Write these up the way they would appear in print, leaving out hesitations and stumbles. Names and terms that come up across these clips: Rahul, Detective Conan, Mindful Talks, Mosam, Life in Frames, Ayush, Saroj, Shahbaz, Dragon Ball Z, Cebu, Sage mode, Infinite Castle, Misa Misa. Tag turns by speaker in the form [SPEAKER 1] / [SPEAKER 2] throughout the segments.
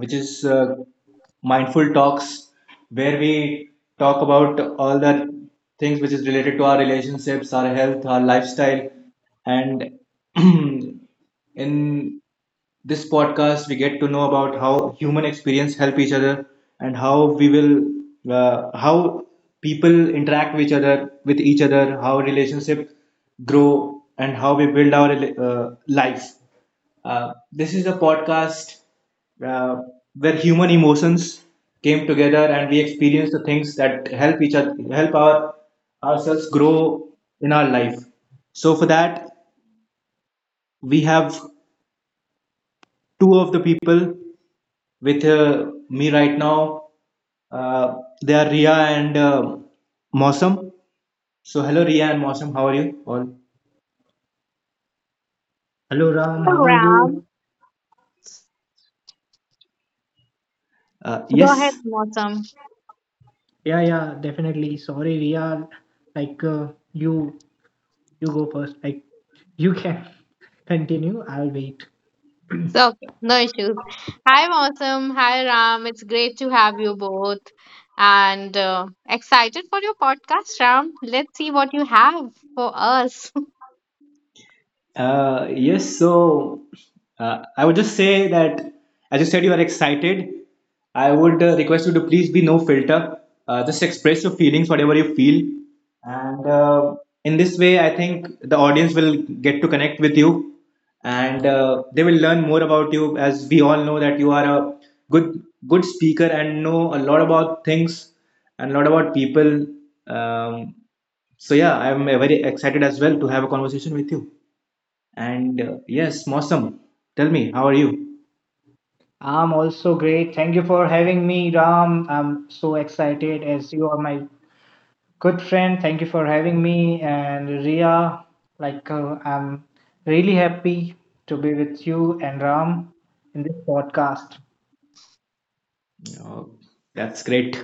[SPEAKER 1] Which is Mindful Talks, where we talk about all the things which is related to our relationships, our health, our lifestyle. And in this podcast, we get to know about how human experience help each other and how we will, how people interact with each other, how relationships grow, and how we build our life. This is a podcast uh, where human emotions came together and we experience the things that help each other help our ourselves grow in our life, so for that we have two of the people with me right now. Uh, they are Ria and Mosam. So, hello, Ria and Mosam. How are you all?
[SPEAKER 2] Hello Ram, how are
[SPEAKER 3] Ram.
[SPEAKER 2] you?
[SPEAKER 1] Uh,
[SPEAKER 3] Go ahead,
[SPEAKER 1] yes.
[SPEAKER 3] Mosam.
[SPEAKER 2] Yeah, yeah, definitely. Sorry, Ria. Like you go first. Like you can continue. I'll wait.
[SPEAKER 3] So, okay, no issues. Hi, Mosam. Hi, Ram. It's great to have you both. And excited for your podcast, Ram. Let's see what you have for us.
[SPEAKER 1] Yes, so I would just say that as you said, you are excited. I would request you to please be no filter. Just express your feelings, whatever you feel. And in this way, I think the audience will get to connect with you and they will learn more about you, as we all know that you are a good good speaker and know a lot about things and a lot about people. Um, so yeah, I'm very excited as well to have a conversation with you. And yes, Mosam, tell me, how are you?
[SPEAKER 2] I'm also great. Thank you for having me, Ram. I'm so excited as you are my good friend. Thank you for having me and Ria. Like I'm really happy to be with you and Ram in this podcast.
[SPEAKER 1] Oh, that's great.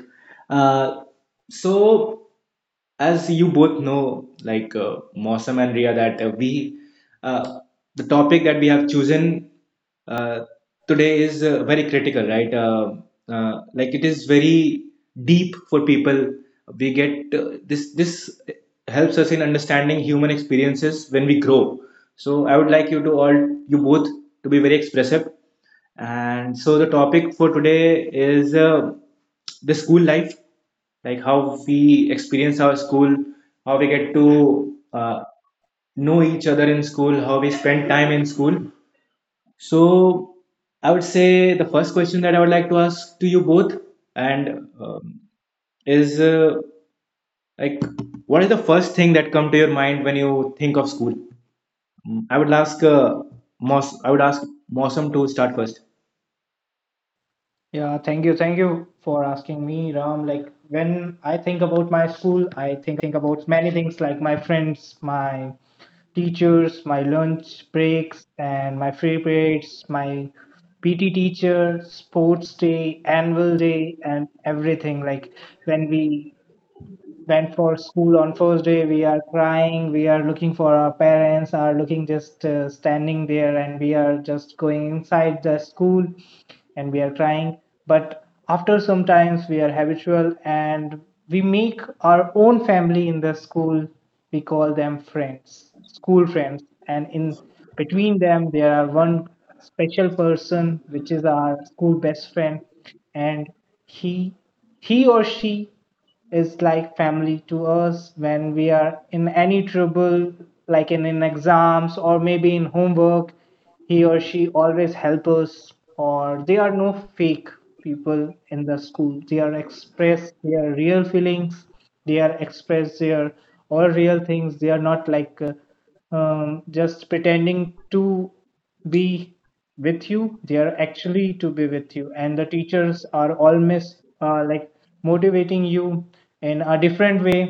[SPEAKER 1] Uh, so, as you both know, like Mosam and Ria, that we uh, the topic that we have chosen uh, today is very critical, right? Like, it is very deep for people. We get this. Helps us in understanding human experiences when we grow. So, I would like you to all, you both, to be very expressive, and so the topic for today is the school life, like how we experience our school, how we get to know each other in school, how we spend time in school. So I would say the first question that I would like to ask to you both, and is like, what is the first thing that come to your mind when you think of school? I would ask Mos I would ask Mosam to start first.
[SPEAKER 2] Yeah, thank you. Thank you for asking me, Ram. Like when I think about my school, I think about many things like my friends, my teachers, my lunch breaks, and my free periods, my PT teacher, sports day, annual day, and everything. Like when we went for school on first day, we are crying, we are looking for our parents, are looking just standing there, and we are just going inside the school and we are crying. But after some times, we are habitual and we make our own family in the school. We call them friends, school friends, and in between them, there are one special person which is our school best friend, and he he or she is like family to us when we are in any trouble, like in exams or maybe in homework. He or she always help us, or they are no fake people in the school. They are express their real feelings. They are express their all real things. They are not like just pretending to be with you. They are actually to be with you. And the teachers are always like motivating you in a different way.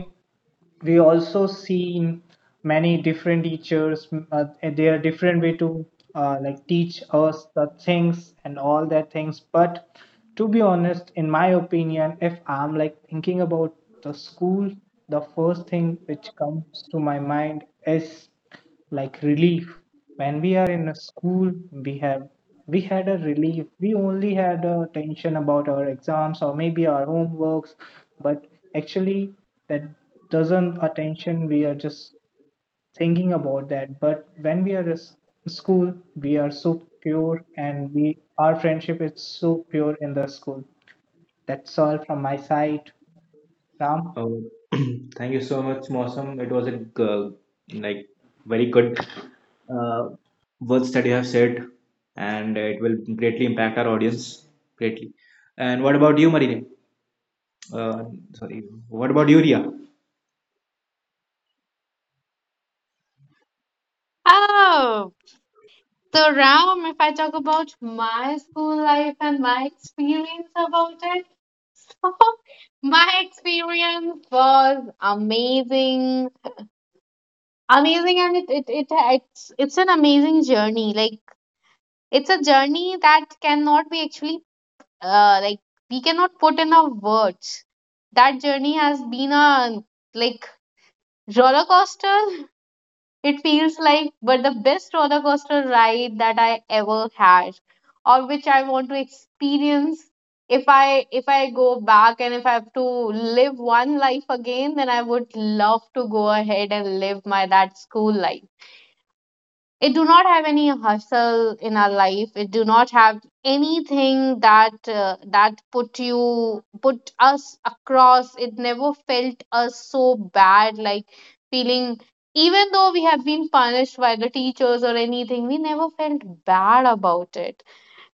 [SPEAKER 2] We also seen many different teachers, and their different way to like teach us the things and all that things. But to be honest, in my opinion, if I'm like thinking about the school, the first thing which comes to my mind is like relief. When we are in a school, we had a relief. We only had a tension about our exams or maybe our homeworks. But actually that doesn't attention. We are just thinking about that. But when we are in school, we are so pure and we our friendship is so pure in the school. That's all from my side, Ram.
[SPEAKER 1] Oh, thank you so much, Mosam. It was a like very good uh, words that you have said, and it will greatly impact our audience greatly. And what about you, Marine? Uh, Sorry, what about you, Ria?
[SPEAKER 3] Oh, so, Ram, if I talk about my school life and my experience about it, my experience was amazing, and it's an amazing journey. Like, it's a journey that cannot be actually like, we cannot put in our words. That journey has been a like roller coaster. It feels like, but the best roller coaster ride that I ever had, or which I want to experience. If I go back and if I have to live one life again, then I would love to go ahead and live my that school life. It do not have any hustle in our life, it do not have anything that that put you put us across, it never felt us so bad, like, feeling even though we have been punished by the teachers or anything, we never felt bad about it,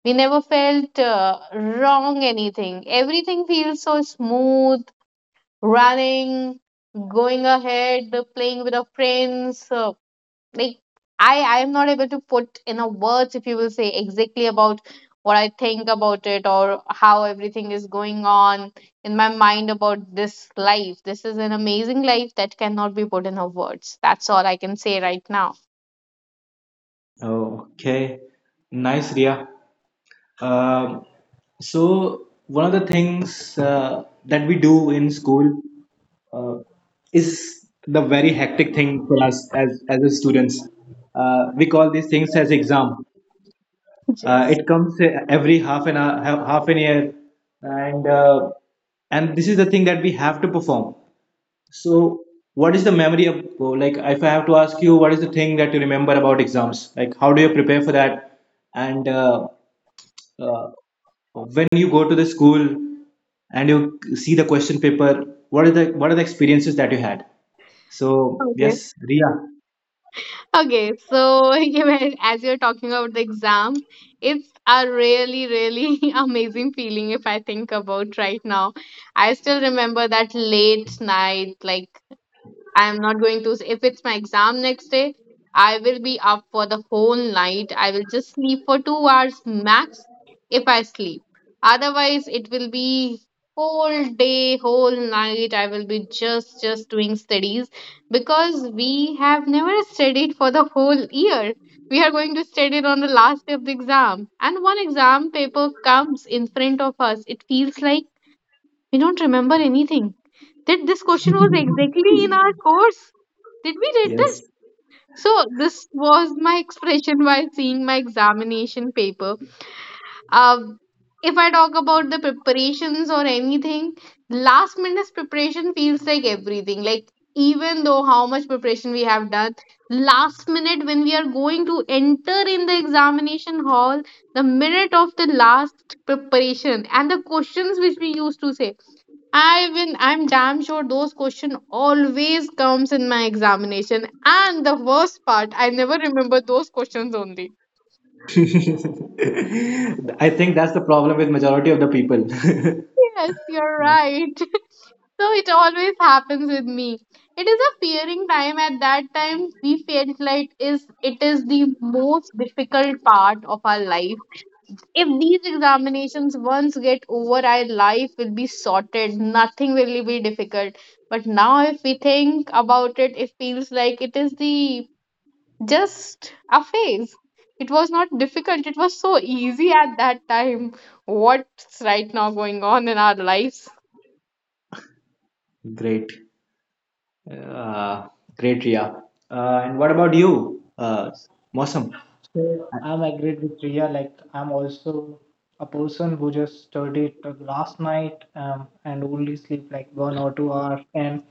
[SPEAKER 3] we never felt wrong anything, everything feels so smooth running, going ahead, playing with our friends. Like, I am not able to put in a words if you will say exactly about what I think about it or how everything is going on in my mind about this life. This is an amazing life that cannot be put in a words. That's all I can say right now.
[SPEAKER 1] Oh, okay, nice, Ria. Um, so, one of the things that we do in school uh, is the very hectic thing for us as a students. We call these things as exam.
[SPEAKER 3] Yes.
[SPEAKER 1] It comes every half an hour, half an year, and uh, and this is the thing that we have to perform. So, what is the memory of, like, if I have to ask you, what is the thing that you remember about exams? Like, how do you prepare for that? And uh, when you go to the school and you see the question paper, what are the experiences that you had? So,
[SPEAKER 3] Okay.
[SPEAKER 1] yes, Ria.
[SPEAKER 3] Okay. So, given as you're talking about the exam, it's a really, really amazing feeling if I think about right now. I still remember that late night, like, I am not going to, if it's my exam next day, I will be up for the whole night. I will just sleep for 2 hours max if I sleep. Otherwise, it will be whole day, whole night. I will be just doing studies because we have never studied for the whole year. We are going to study it on the last day of the exam. And one exam paper comes in front of us. It feels like we don't remember anything. That this question was exactly in our course. Did we read this?
[SPEAKER 1] Yes.
[SPEAKER 3] So this was my expression while seeing my examination paper. Um, if I talk about the preparations or anything, last minute's preparation feels like everything. Like, even though how much preparation we have done, last minute when we are going to enter in the examination hall, the minute of the last preparation and the questions which we used to say I, even I'm damn sure those question always comes in my examination. And the worst part, I never remember those questions only.
[SPEAKER 1] I think that's the problem with majority of the people.
[SPEAKER 3] Yes, you're right. So it always happens with me. It is a fearing time. At that time, we felt like is it is the most difficult part of our life. If these examinations once get over, our life will be sorted. Nothing will be difficult. But now, if we think about it, it feels like it is the just a phase. It was not difficult. It was so easy at that time. What's right now going on in our lives?
[SPEAKER 1] Great. Uh, Great, Ria. And what about you, Mosam?
[SPEAKER 2] So I'm agreed with Priya. Like I'm also a person who just studied till last night and only sleep like 1 or 2 hours. And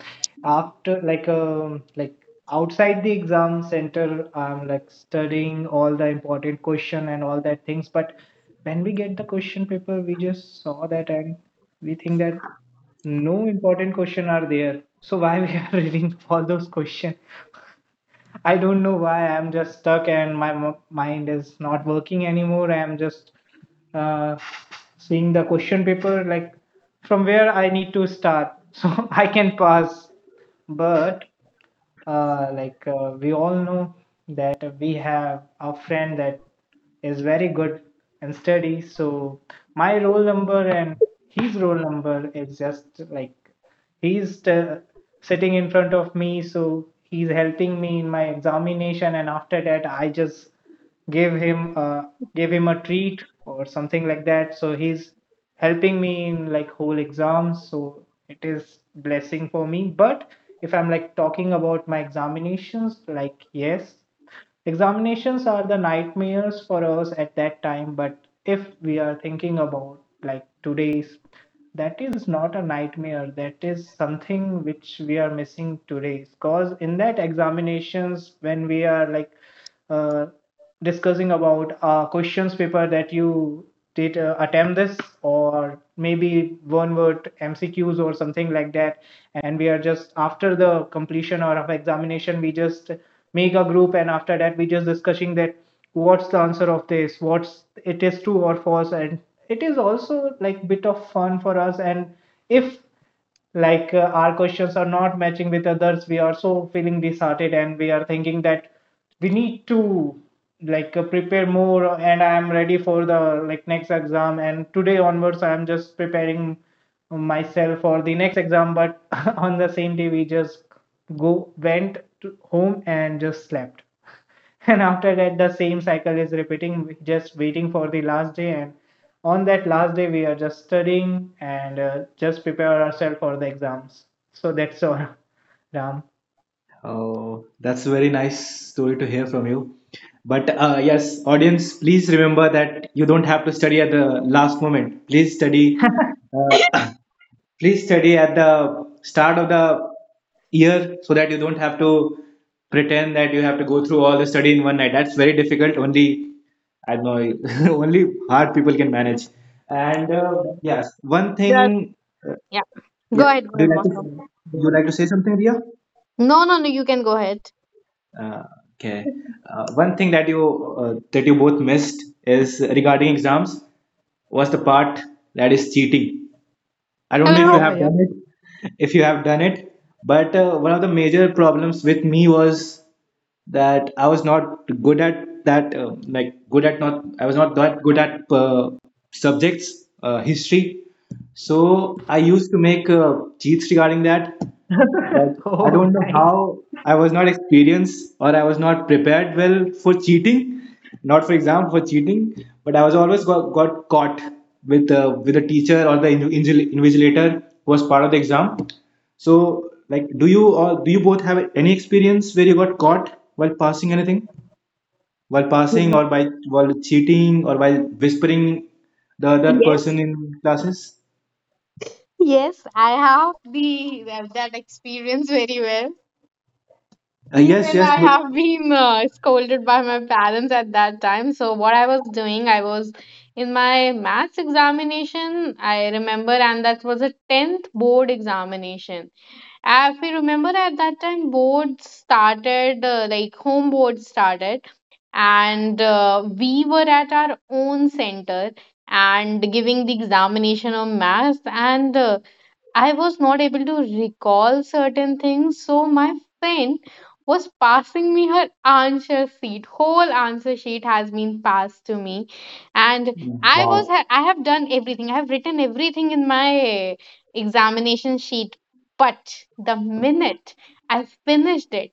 [SPEAKER 2] after like outside the exam center, I'm like studying all the important question and all that things. But when we get the question paper, we just saw that and we think that no important question are there. So why we are reading all those question? I don't know why I'm just stuck and my mind is not working anymore. I'm just uh, seeing the question paper like from where I need to start so I can pass. But like we all know that we have a friend that is very good and steady. So my roll number and his roll number is just like he's sitting in front of me, so he's helping me in my examination. And after that, I just give him uh, give him a treat or something like that. So he's helping me in like whole exams. So it is blessing for me. But if I'm like talking about my examinations, like yes, examinations are the nightmares for us at that time. But if we are thinking about like today's, that is not a nightmare. That is something which we are missing today. Because in that examinations, when we are like uh, discussing about questions paper that you did attempt this or maybe one word MCQs or something like that. And we are just after the completion or of examination, we just make a group. And after that, we just discussing that what's the answer of this, what's it is true or false. And it is also like bit of fun for us. And if like our questions are not matching with others, we are so feeling disheartened. And we are thinking that we need to like prepare more. And I am ready for the like next exam. And today onwards I am just preparing myself for the next exam. But on the same day we just go went to home and just slept. And after that, the same cycle is repeating, just waiting for the last day. And on that last day, we are just studying and just prepare ourselves for the exams. So that's all, Ram.
[SPEAKER 1] Oh, that's a very nice story to hear from you. But yes, audience, please remember that you don't have to study at the last moment. Please study. Uh, please study at the start of the year so that you don't have to pretend that you have to go through all the study in one night. That's very difficult. Only I don't know. Only hard people can manage. And yes, one
[SPEAKER 3] Yes.
[SPEAKER 1] thing. Uh,
[SPEAKER 3] Yeah.
[SPEAKER 1] yeah,
[SPEAKER 3] Go
[SPEAKER 1] do
[SPEAKER 3] ahead,
[SPEAKER 1] you like
[SPEAKER 3] Mosam.
[SPEAKER 1] to? You
[SPEAKER 2] Good.
[SPEAKER 1] like to say something, Ria?
[SPEAKER 3] No, no, no. You can go ahead.
[SPEAKER 1] Uh, okay. One thing that you both missed is regarding exams was the part that is cheating. I don't know if you
[SPEAKER 3] Hello.
[SPEAKER 2] Yeah,
[SPEAKER 1] have
[SPEAKER 2] yeah.
[SPEAKER 1] done it, if you have done it, but one of the major problems with me was that I was not good at that, like good at not, I was not that good at subjects, history. So I used to make cheats regarding that, but I
[SPEAKER 2] Oh,
[SPEAKER 1] don't know
[SPEAKER 2] nice.
[SPEAKER 1] how I was not experienced or I was not prepared well for cheating, not for exam for cheating, but I was always got caught with the teacher or the invigilator who was part of the exam. So, like, do you or do you both have any experience where you got caught while passing anything, while passing or by while cheating or while whispering the other
[SPEAKER 3] Yes.
[SPEAKER 1] person in classes?
[SPEAKER 3] Yes, I have the that experience very well.
[SPEAKER 1] Uh, yes,
[SPEAKER 3] Even
[SPEAKER 1] yes.
[SPEAKER 3] I have been scolded by my parents at that time. So what I was doing, I was in my maths examination. I remember, and that was a tenth board examination. If you remember at that time, boards started, like, home boards started, and we were at our own center and giving the examination of maths. And I was not able to recall certain things, so my friend was passing me her answer sheet. Whole answer sheet has been passed to me, and I was
[SPEAKER 1] Wow.
[SPEAKER 3] I have done everything. I have written everything in my examination sheet, but the minute I finished it,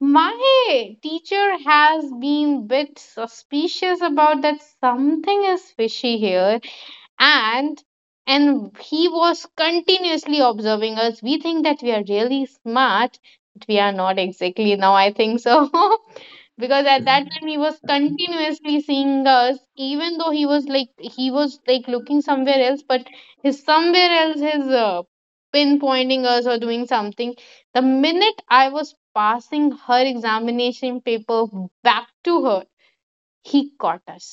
[SPEAKER 3] my teacher has been bit suspicious about that something is fishy here, and he was continuously observing us. We think that we are really smart, but we are not exactly, now I think so. Because at that time he was continuously seeing us, even though he was like, he was like looking somewhere else, but his somewhere else is pinpointing us or doing something. The minute I was passing her examination paper back to her, he caught us.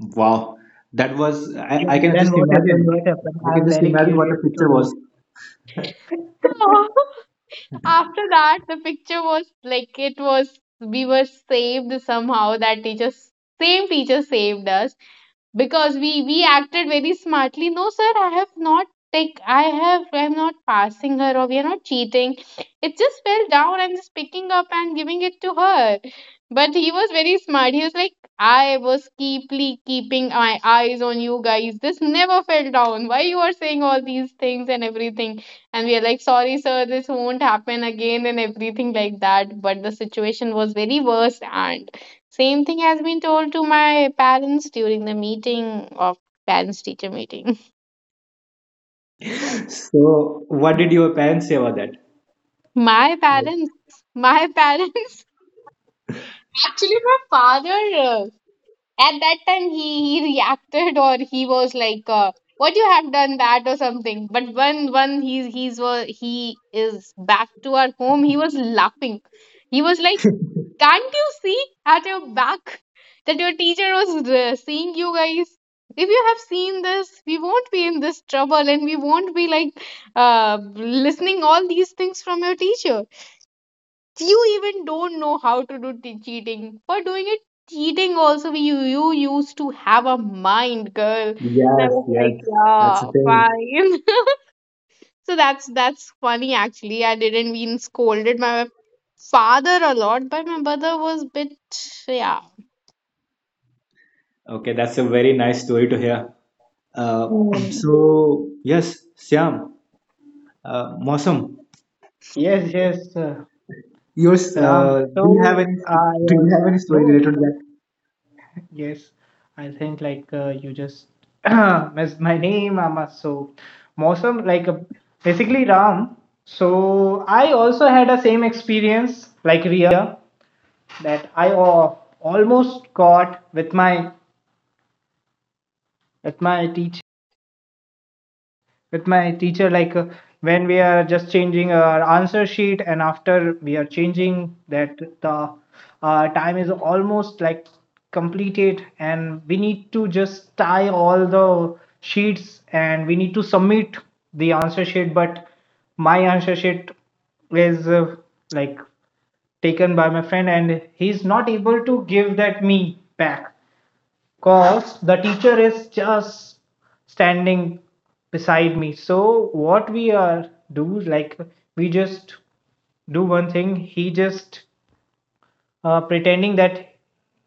[SPEAKER 1] Wow, that was I,
[SPEAKER 2] Yeah.
[SPEAKER 1] I can
[SPEAKER 2] Then
[SPEAKER 1] just
[SPEAKER 2] what happened?
[SPEAKER 1] imagine.
[SPEAKER 2] What happened?
[SPEAKER 1] I can
[SPEAKER 2] I'm
[SPEAKER 1] just
[SPEAKER 2] very
[SPEAKER 1] imagine what the
[SPEAKER 2] curious to
[SPEAKER 1] picture
[SPEAKER 2] know.
[SPEAKER 1] was.
[SPEAKER 3] After that, the picture was like, it was, we were saved somehow. That teacher, same teacher saved us because we acted very smartly. No sir, I have not take, I have, I'm not passing her, or we are not cheating, it just fell down, I'm just picking up and giving it to her. But he was very smart. He was like, I was keeply keeping my eyes on you guys, this never fell down, why you are saying all these things and everything. And we are like, sorry sir, this won't happen again and everything like that. But the situation was very worse, and same thing has been told to my parents during the meeting of parents teacher meeting.
[SPEAKER 1] So, what did your parents say about that?
[SPEAKER 3] My
[SPEAKER 1] Like,
[SPEAKER 3] parents, my parents, actually, my father, uh, at that time, he reacted, or he was like, what you have done that or something. But when he's, he is back to our home, he was laughing. He was like, can't you see at your back that your teacher was seeing you guys? If you have seen this, we won't be in this trouble and we won't be like listening all these things from your teacher. You even don't know how to do cheating. For doing it, cheating also, you used to have a mind, girl. And I
[SPEAKER 1] yes,
[SPEAKER 3] was
[SPEAKER 1] yes,
[SPEAKER 3] like,
[SPEAKER 1] that's the
[SPEAKER 3] yeah,
[SPEAKER 1] thing.
[SPEAKER 3] fine. So that's funny actually. I didn't mean scolded my father a lot, but my brother was bit, yeah.
[SPEAKER 1] Okay, that's a very nice story to hear. Uh,
[SPEAKER 3] Hmm.
[SPEAKER 1] so yes, Mosam,
[SPEAKER 2] Yes, yes,
[SPEAKER 1] yours.
[SPEAKER 2] Ram. So
[SPEAKER 1] Do you have any?
[SPEAKER 2] I
[SPEAKER 1] Do
[SPEAKER 2] was
[SPEAKER 1] you have any
[SPEAKER 2] no.
[SPEAKER 1] story related to that?
[SPEAKER 2] Yes, I think like you just missed my name, Amma. So, Mosam, like basically Ram. So, I also had a same experience like Ria that I almost got with my teacher. Like when we are just changing our answer sheet and after we are changing that the time is almost like completed and we need to just tie all the sheets and we need to submit the answer sheet. But my answer sheet is like taken by my friend and he's not able to give that me back. Cause the teacher is just standing beside me. So what we are do like we just do one thing. He just pretending that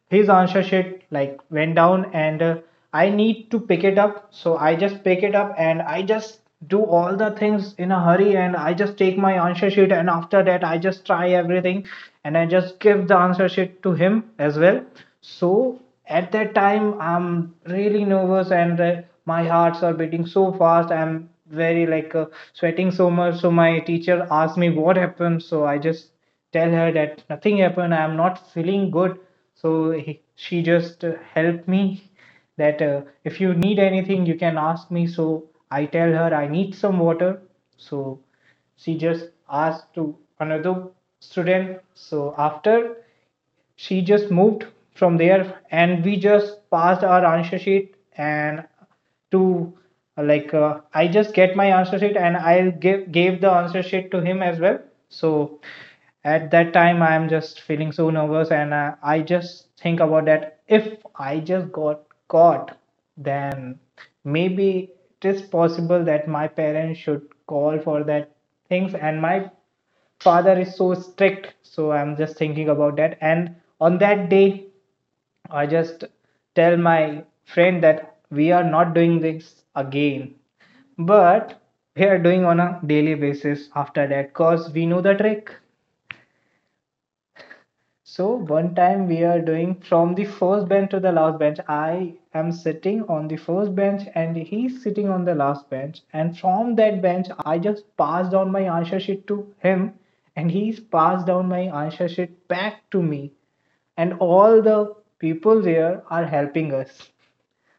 [SPEAKER 2] his answer sheet like went down and I need to pick it up. So I just pick it up and I just do all the things in a hurry and I just take my answer sheet. And after that I just try everything and I just give the answer sheet to him as well. So at that time I'm really nervous and my hearts are beating so fast. I'm very like sweating so much. So my teacher asked me what happened. So I just tell her that nothing happened, I'm not feeling good. So she just helped me that if you need anything you can ask me. So I tell her I need some water. So she just asked to another student. So after she just moved from there and we just passed our answer sheet. And to like I just get my answer sheet and I give gave the answer sheet to him as well. So at that time I am just feeling so nervous and I just think about that if I just got caught, then maybe it is possible that my parents should call for that things. And my father is so strict, so I'm just thinking about that. And on that day I just tell my friend that we are not doing this again. But we are doing on a daily basis after that, cause we know the trick. So one time we are doing from the first bench to the last bench. I am sitting on the first bench and he's sitting on the last bench. And from that bench, I just passed on my answer sheet to him and he's passed down my answer sheet back to me. And all the people there are helping us.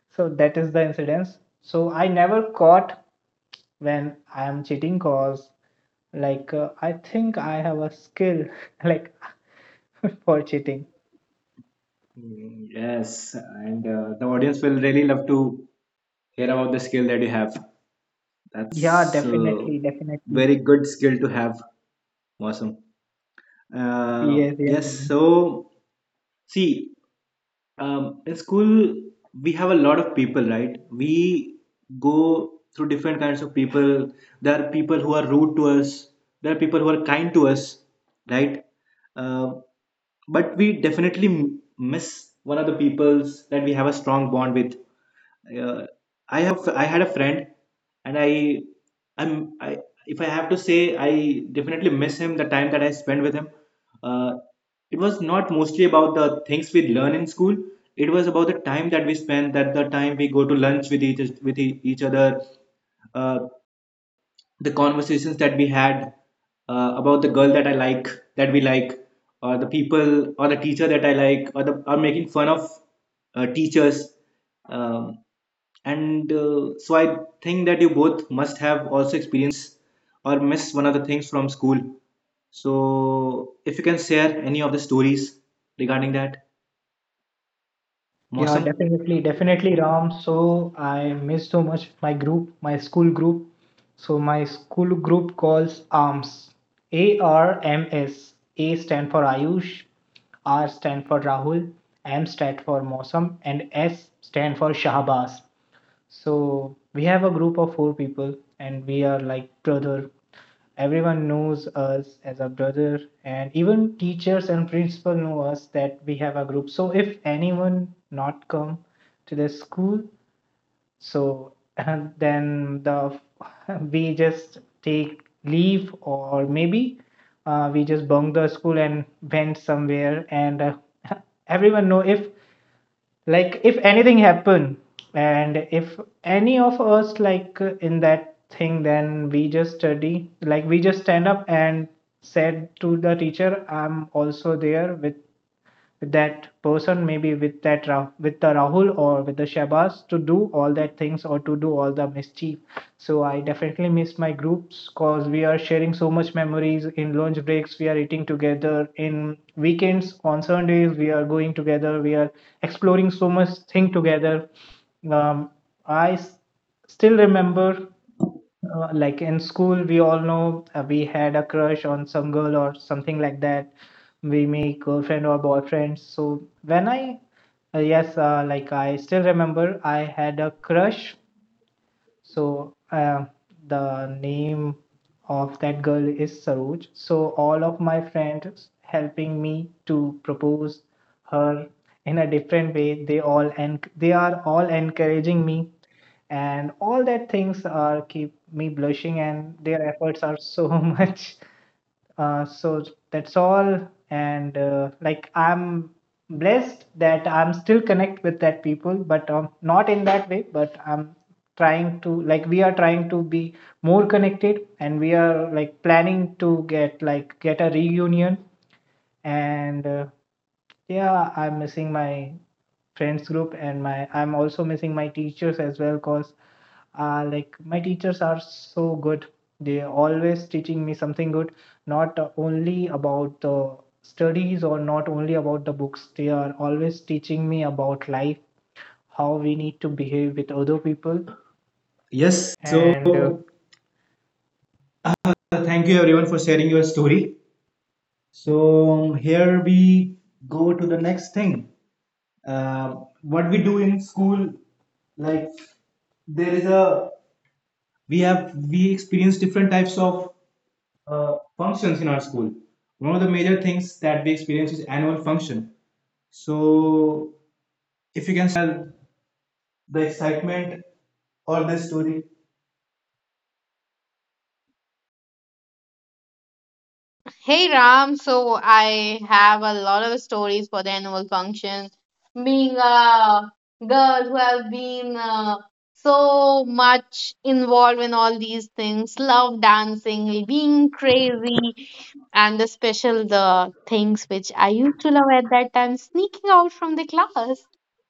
[SPEAKER 2] So that is the incidence. So I never caught when I am cheating, cause like I think I have a skill like for cheating.
[SPEAKER 1] Yes, and the audience will really love to hear about the skill that you have.
[SPEAKER 2] Yeah,
[SPEAKER 1] That's a
[SPEAKER 2] definitely, definitely.
[SPEAKER 1] very good skill to have. Awesome.
[SPEAKER 2] Yes, yes,
[SPEAKER 1] Yes,
[SPEAKER 2] Ram.
[SPEAKER 1] so see, in school, we have a lot of people, right? We go through different kinds of people. There are people who are rude to us, there are people who are kind to us, right? Uh, but we definitely miss one of the peoples that we have a strong bond with. uh, I have a I had a friend, and I I'm I if I have to say, I definitely miss him, the time that I spent with him. Uh, it was not mostly about the things we learn in school. It was about the time that we spend, that the time we go to lunch with each other, uh, the conversations that we had about the girl that I like, that we like, or the people, or the teacher that I like, or the or making fun of teachers. Um, and so I think that you both must have also experienced or missed one of the things from school, so if you can share any of the stories regarding that,
[SPEAKER 2] Yeah,
[SPEAKER 1] Mosam.
[SPEAKER 2] definitely, definitely, Ram. So I miss so much my group, my school group. So my school group calls ARMS. A R M S. A stand for Ayush, R stand for Rahul, M stand for Mosam, and S stand for Shahbaz. So we have a group of four people, and we are like brother. Everyone knows us as a brother, and even teachers and principal know us that we have a group. So if anyone not come to the school, so then the we just take leave or maybe we just bunk the school and went somewhere and everyone know if like if anything happen. And if any of us like in that thing, then we just study like we just stand up and said to the teacher I'm also there with that person, maybe with that with the Rahul or with the Shabazz to do all that things or to do all the mischief. So I definitely miss my groups, cause we are sharing so much memories in lunch breaks. We are eating together in weekends on Sundays. We are going together. We are exploring so much thing together. Um, I still remember like in school, we all know we had a crush on some girl or something like that. We make girlfriend or boyfriend. So when I, yes, like I still remember I had a crush. So the name of that girl is Saroj. So all of my friends helping me to propose her in a different way. They are all encouraging me and all that things are keep me blushing and their efforts are so much. So that's all. And like I'm blessed that I'm still connect with that people, but not in that way. But I'm trying to like we are trying to be more connected and we are like planning to get a reunion. And yeah, I'm missing my friends group and my I'm also missing my teachers as well, because like my teachers are so good. They are always teaching me something good, not only about the studies or not only about the books. They are always teaching me about life, how we need to behave with other people.
[SPEAKER 1] Yes, so
[SPEAKER 2] And
[SPEAKER 1] thank you everyone for sharing your story. So here we go to the next thing. Uh, what we do in school, like there is a we experience different types of functions in our school. One of the major things that we experience is annual function. So if you can share the excitement or the story.
[SPEAKER 3] Hey Ram, so I have a lot of stories for the annual function. Being a girl who have been so much involved in all these things, love dancing, being crazy, and the special the things which I used to love at that time, sneaking out from the class.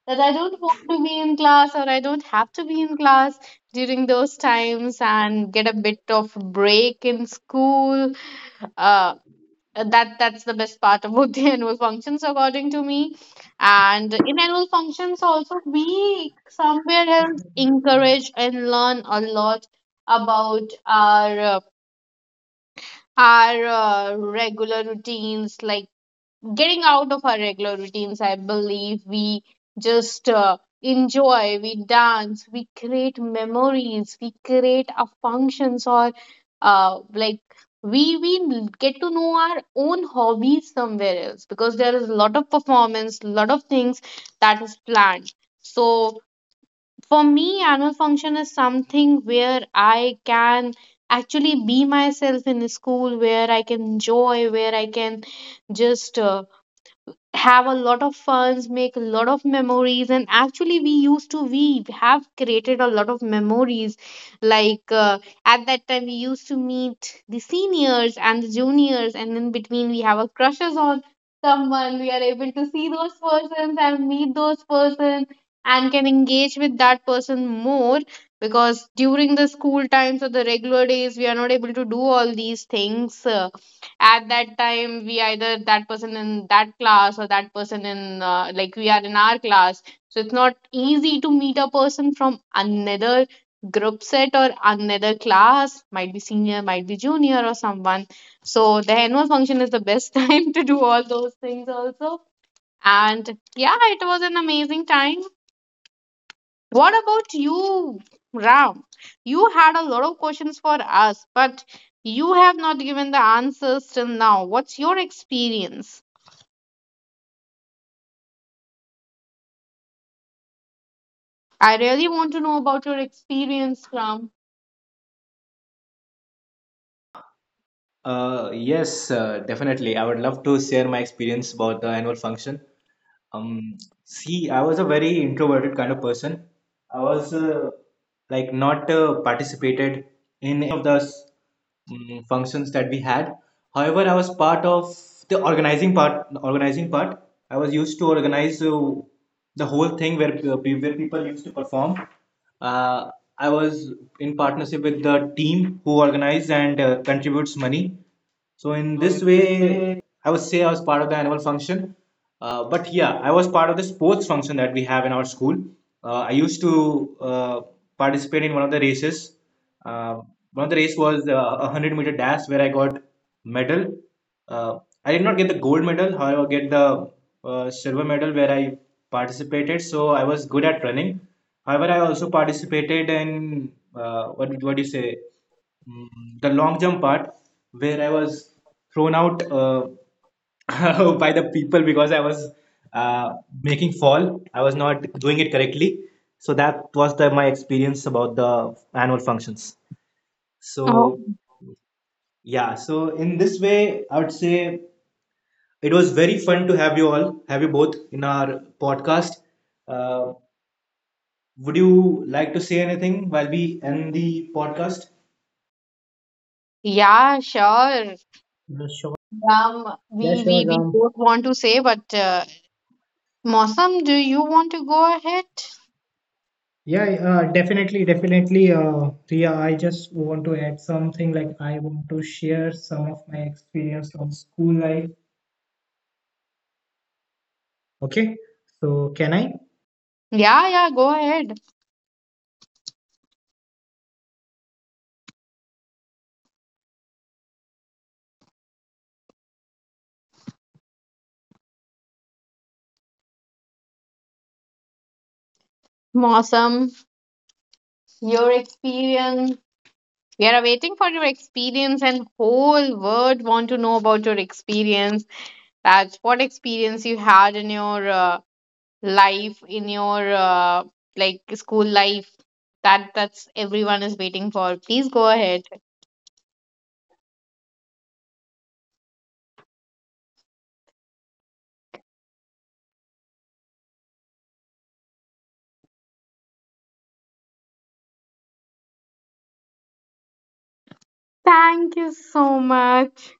[SPEAKER 3] That I don't want to be in class or I don't have to be in class during those times and get a bit of break in school. Uh, that's the best part about the annual functions according to me. And in annual functions also, we somewhere else encourage and learn a lot about our regular routines, like getting out of our regular routines, I believe we just enjoy, we dance, we create memories, we create our functions, or like, we get to know our own hobbies somewhere else, because there is a lot of performance, lot of things that is planned. So for me, annual function is something where I can actually be myself in the school, where I can enjoy, where I can just have a lot of funs, make a lot of memories, and actually we used to we have created a lot of memories. Like, at that time, we used to meet the seniors and the juniors, and in between we have a crushes on someone. We are able to see those persons and meet those persons and can engage with that person more, because during the school times or the regular days we are not able to do all these things. At that time, we either that person in that class or that person in like, we are in our class, so it's not easy to meet a person from another group set or another class, might be senior, might be junior, or someone. So the annual function is the best time to do all those things also. And yeah, it was an amazing time. What about you, Ram? You had a lot of questions for us, but you have not given the answers till now. What's your experience? I really want to know about your experience, Ram.
[SPEAKER 1] Yes, definitely. I would love to share my experience about the annual function. Um, See, I was a very introverted kind of person. I was like not participated in of the functions that we had. However, I was part of the organizing part. Organizing part. I was used to organize the whole thing where where people used to perform. Uh, I was in partnership with the team who organizes and contributes money, so in
[SPEAKER 2] so
[SPEAKER 1] this
[SPEAKER 2] in this
[SPEAKER 1] way,
[SPEAKER 2] way,
[SPEAKER 1] I would say I was part of the annual function. But yeah, I was part of the sports function that we have in our school. I used to participate in one of the races. Uh, One of the race was 100 meter dash where I got medal. Uh, I did not get the gold medal, however, get the silver medal where I participated. So I was good at running. However, I also participated in what do you say, the long jump part where I was thrown out by the people because I was uh, making fall. I was not doing it correctly. So that was the, my experience about the annual functions.
[SPEAKER 3] Oh.
[SPEAKER 1] So yeah, so in this way, I would say it was very fun to have have you both in our podcast. Uh, would you like to say anything while we end the podcast?
[SPEAKER 3] Yeah, sure.
[SPEAKER 1] Yeah, sure.
[SPEAKER 3] Ram, we,
[SPEAKER 1] Yeah,
[SPEAKER 3] we,
[SPEAKER 1] sure.
[SPEAKER 3] we both want to say, but Mosam, do you want to go ahead?
[SPEAKER 1] Yeah, definitely, definitely. Priya, I just want to add something. Like, I want to share some of my experience on school life. Okay. So, can I?
[SPEAKER 3] Yeah, yeah, go ahead. Mosam, your experience. We are waiting for your experience, and whole world want to know about your experience. That's what experience you had in your life, in your like school life. That's everyone is waiting for. Please go ahead. Thank you so much.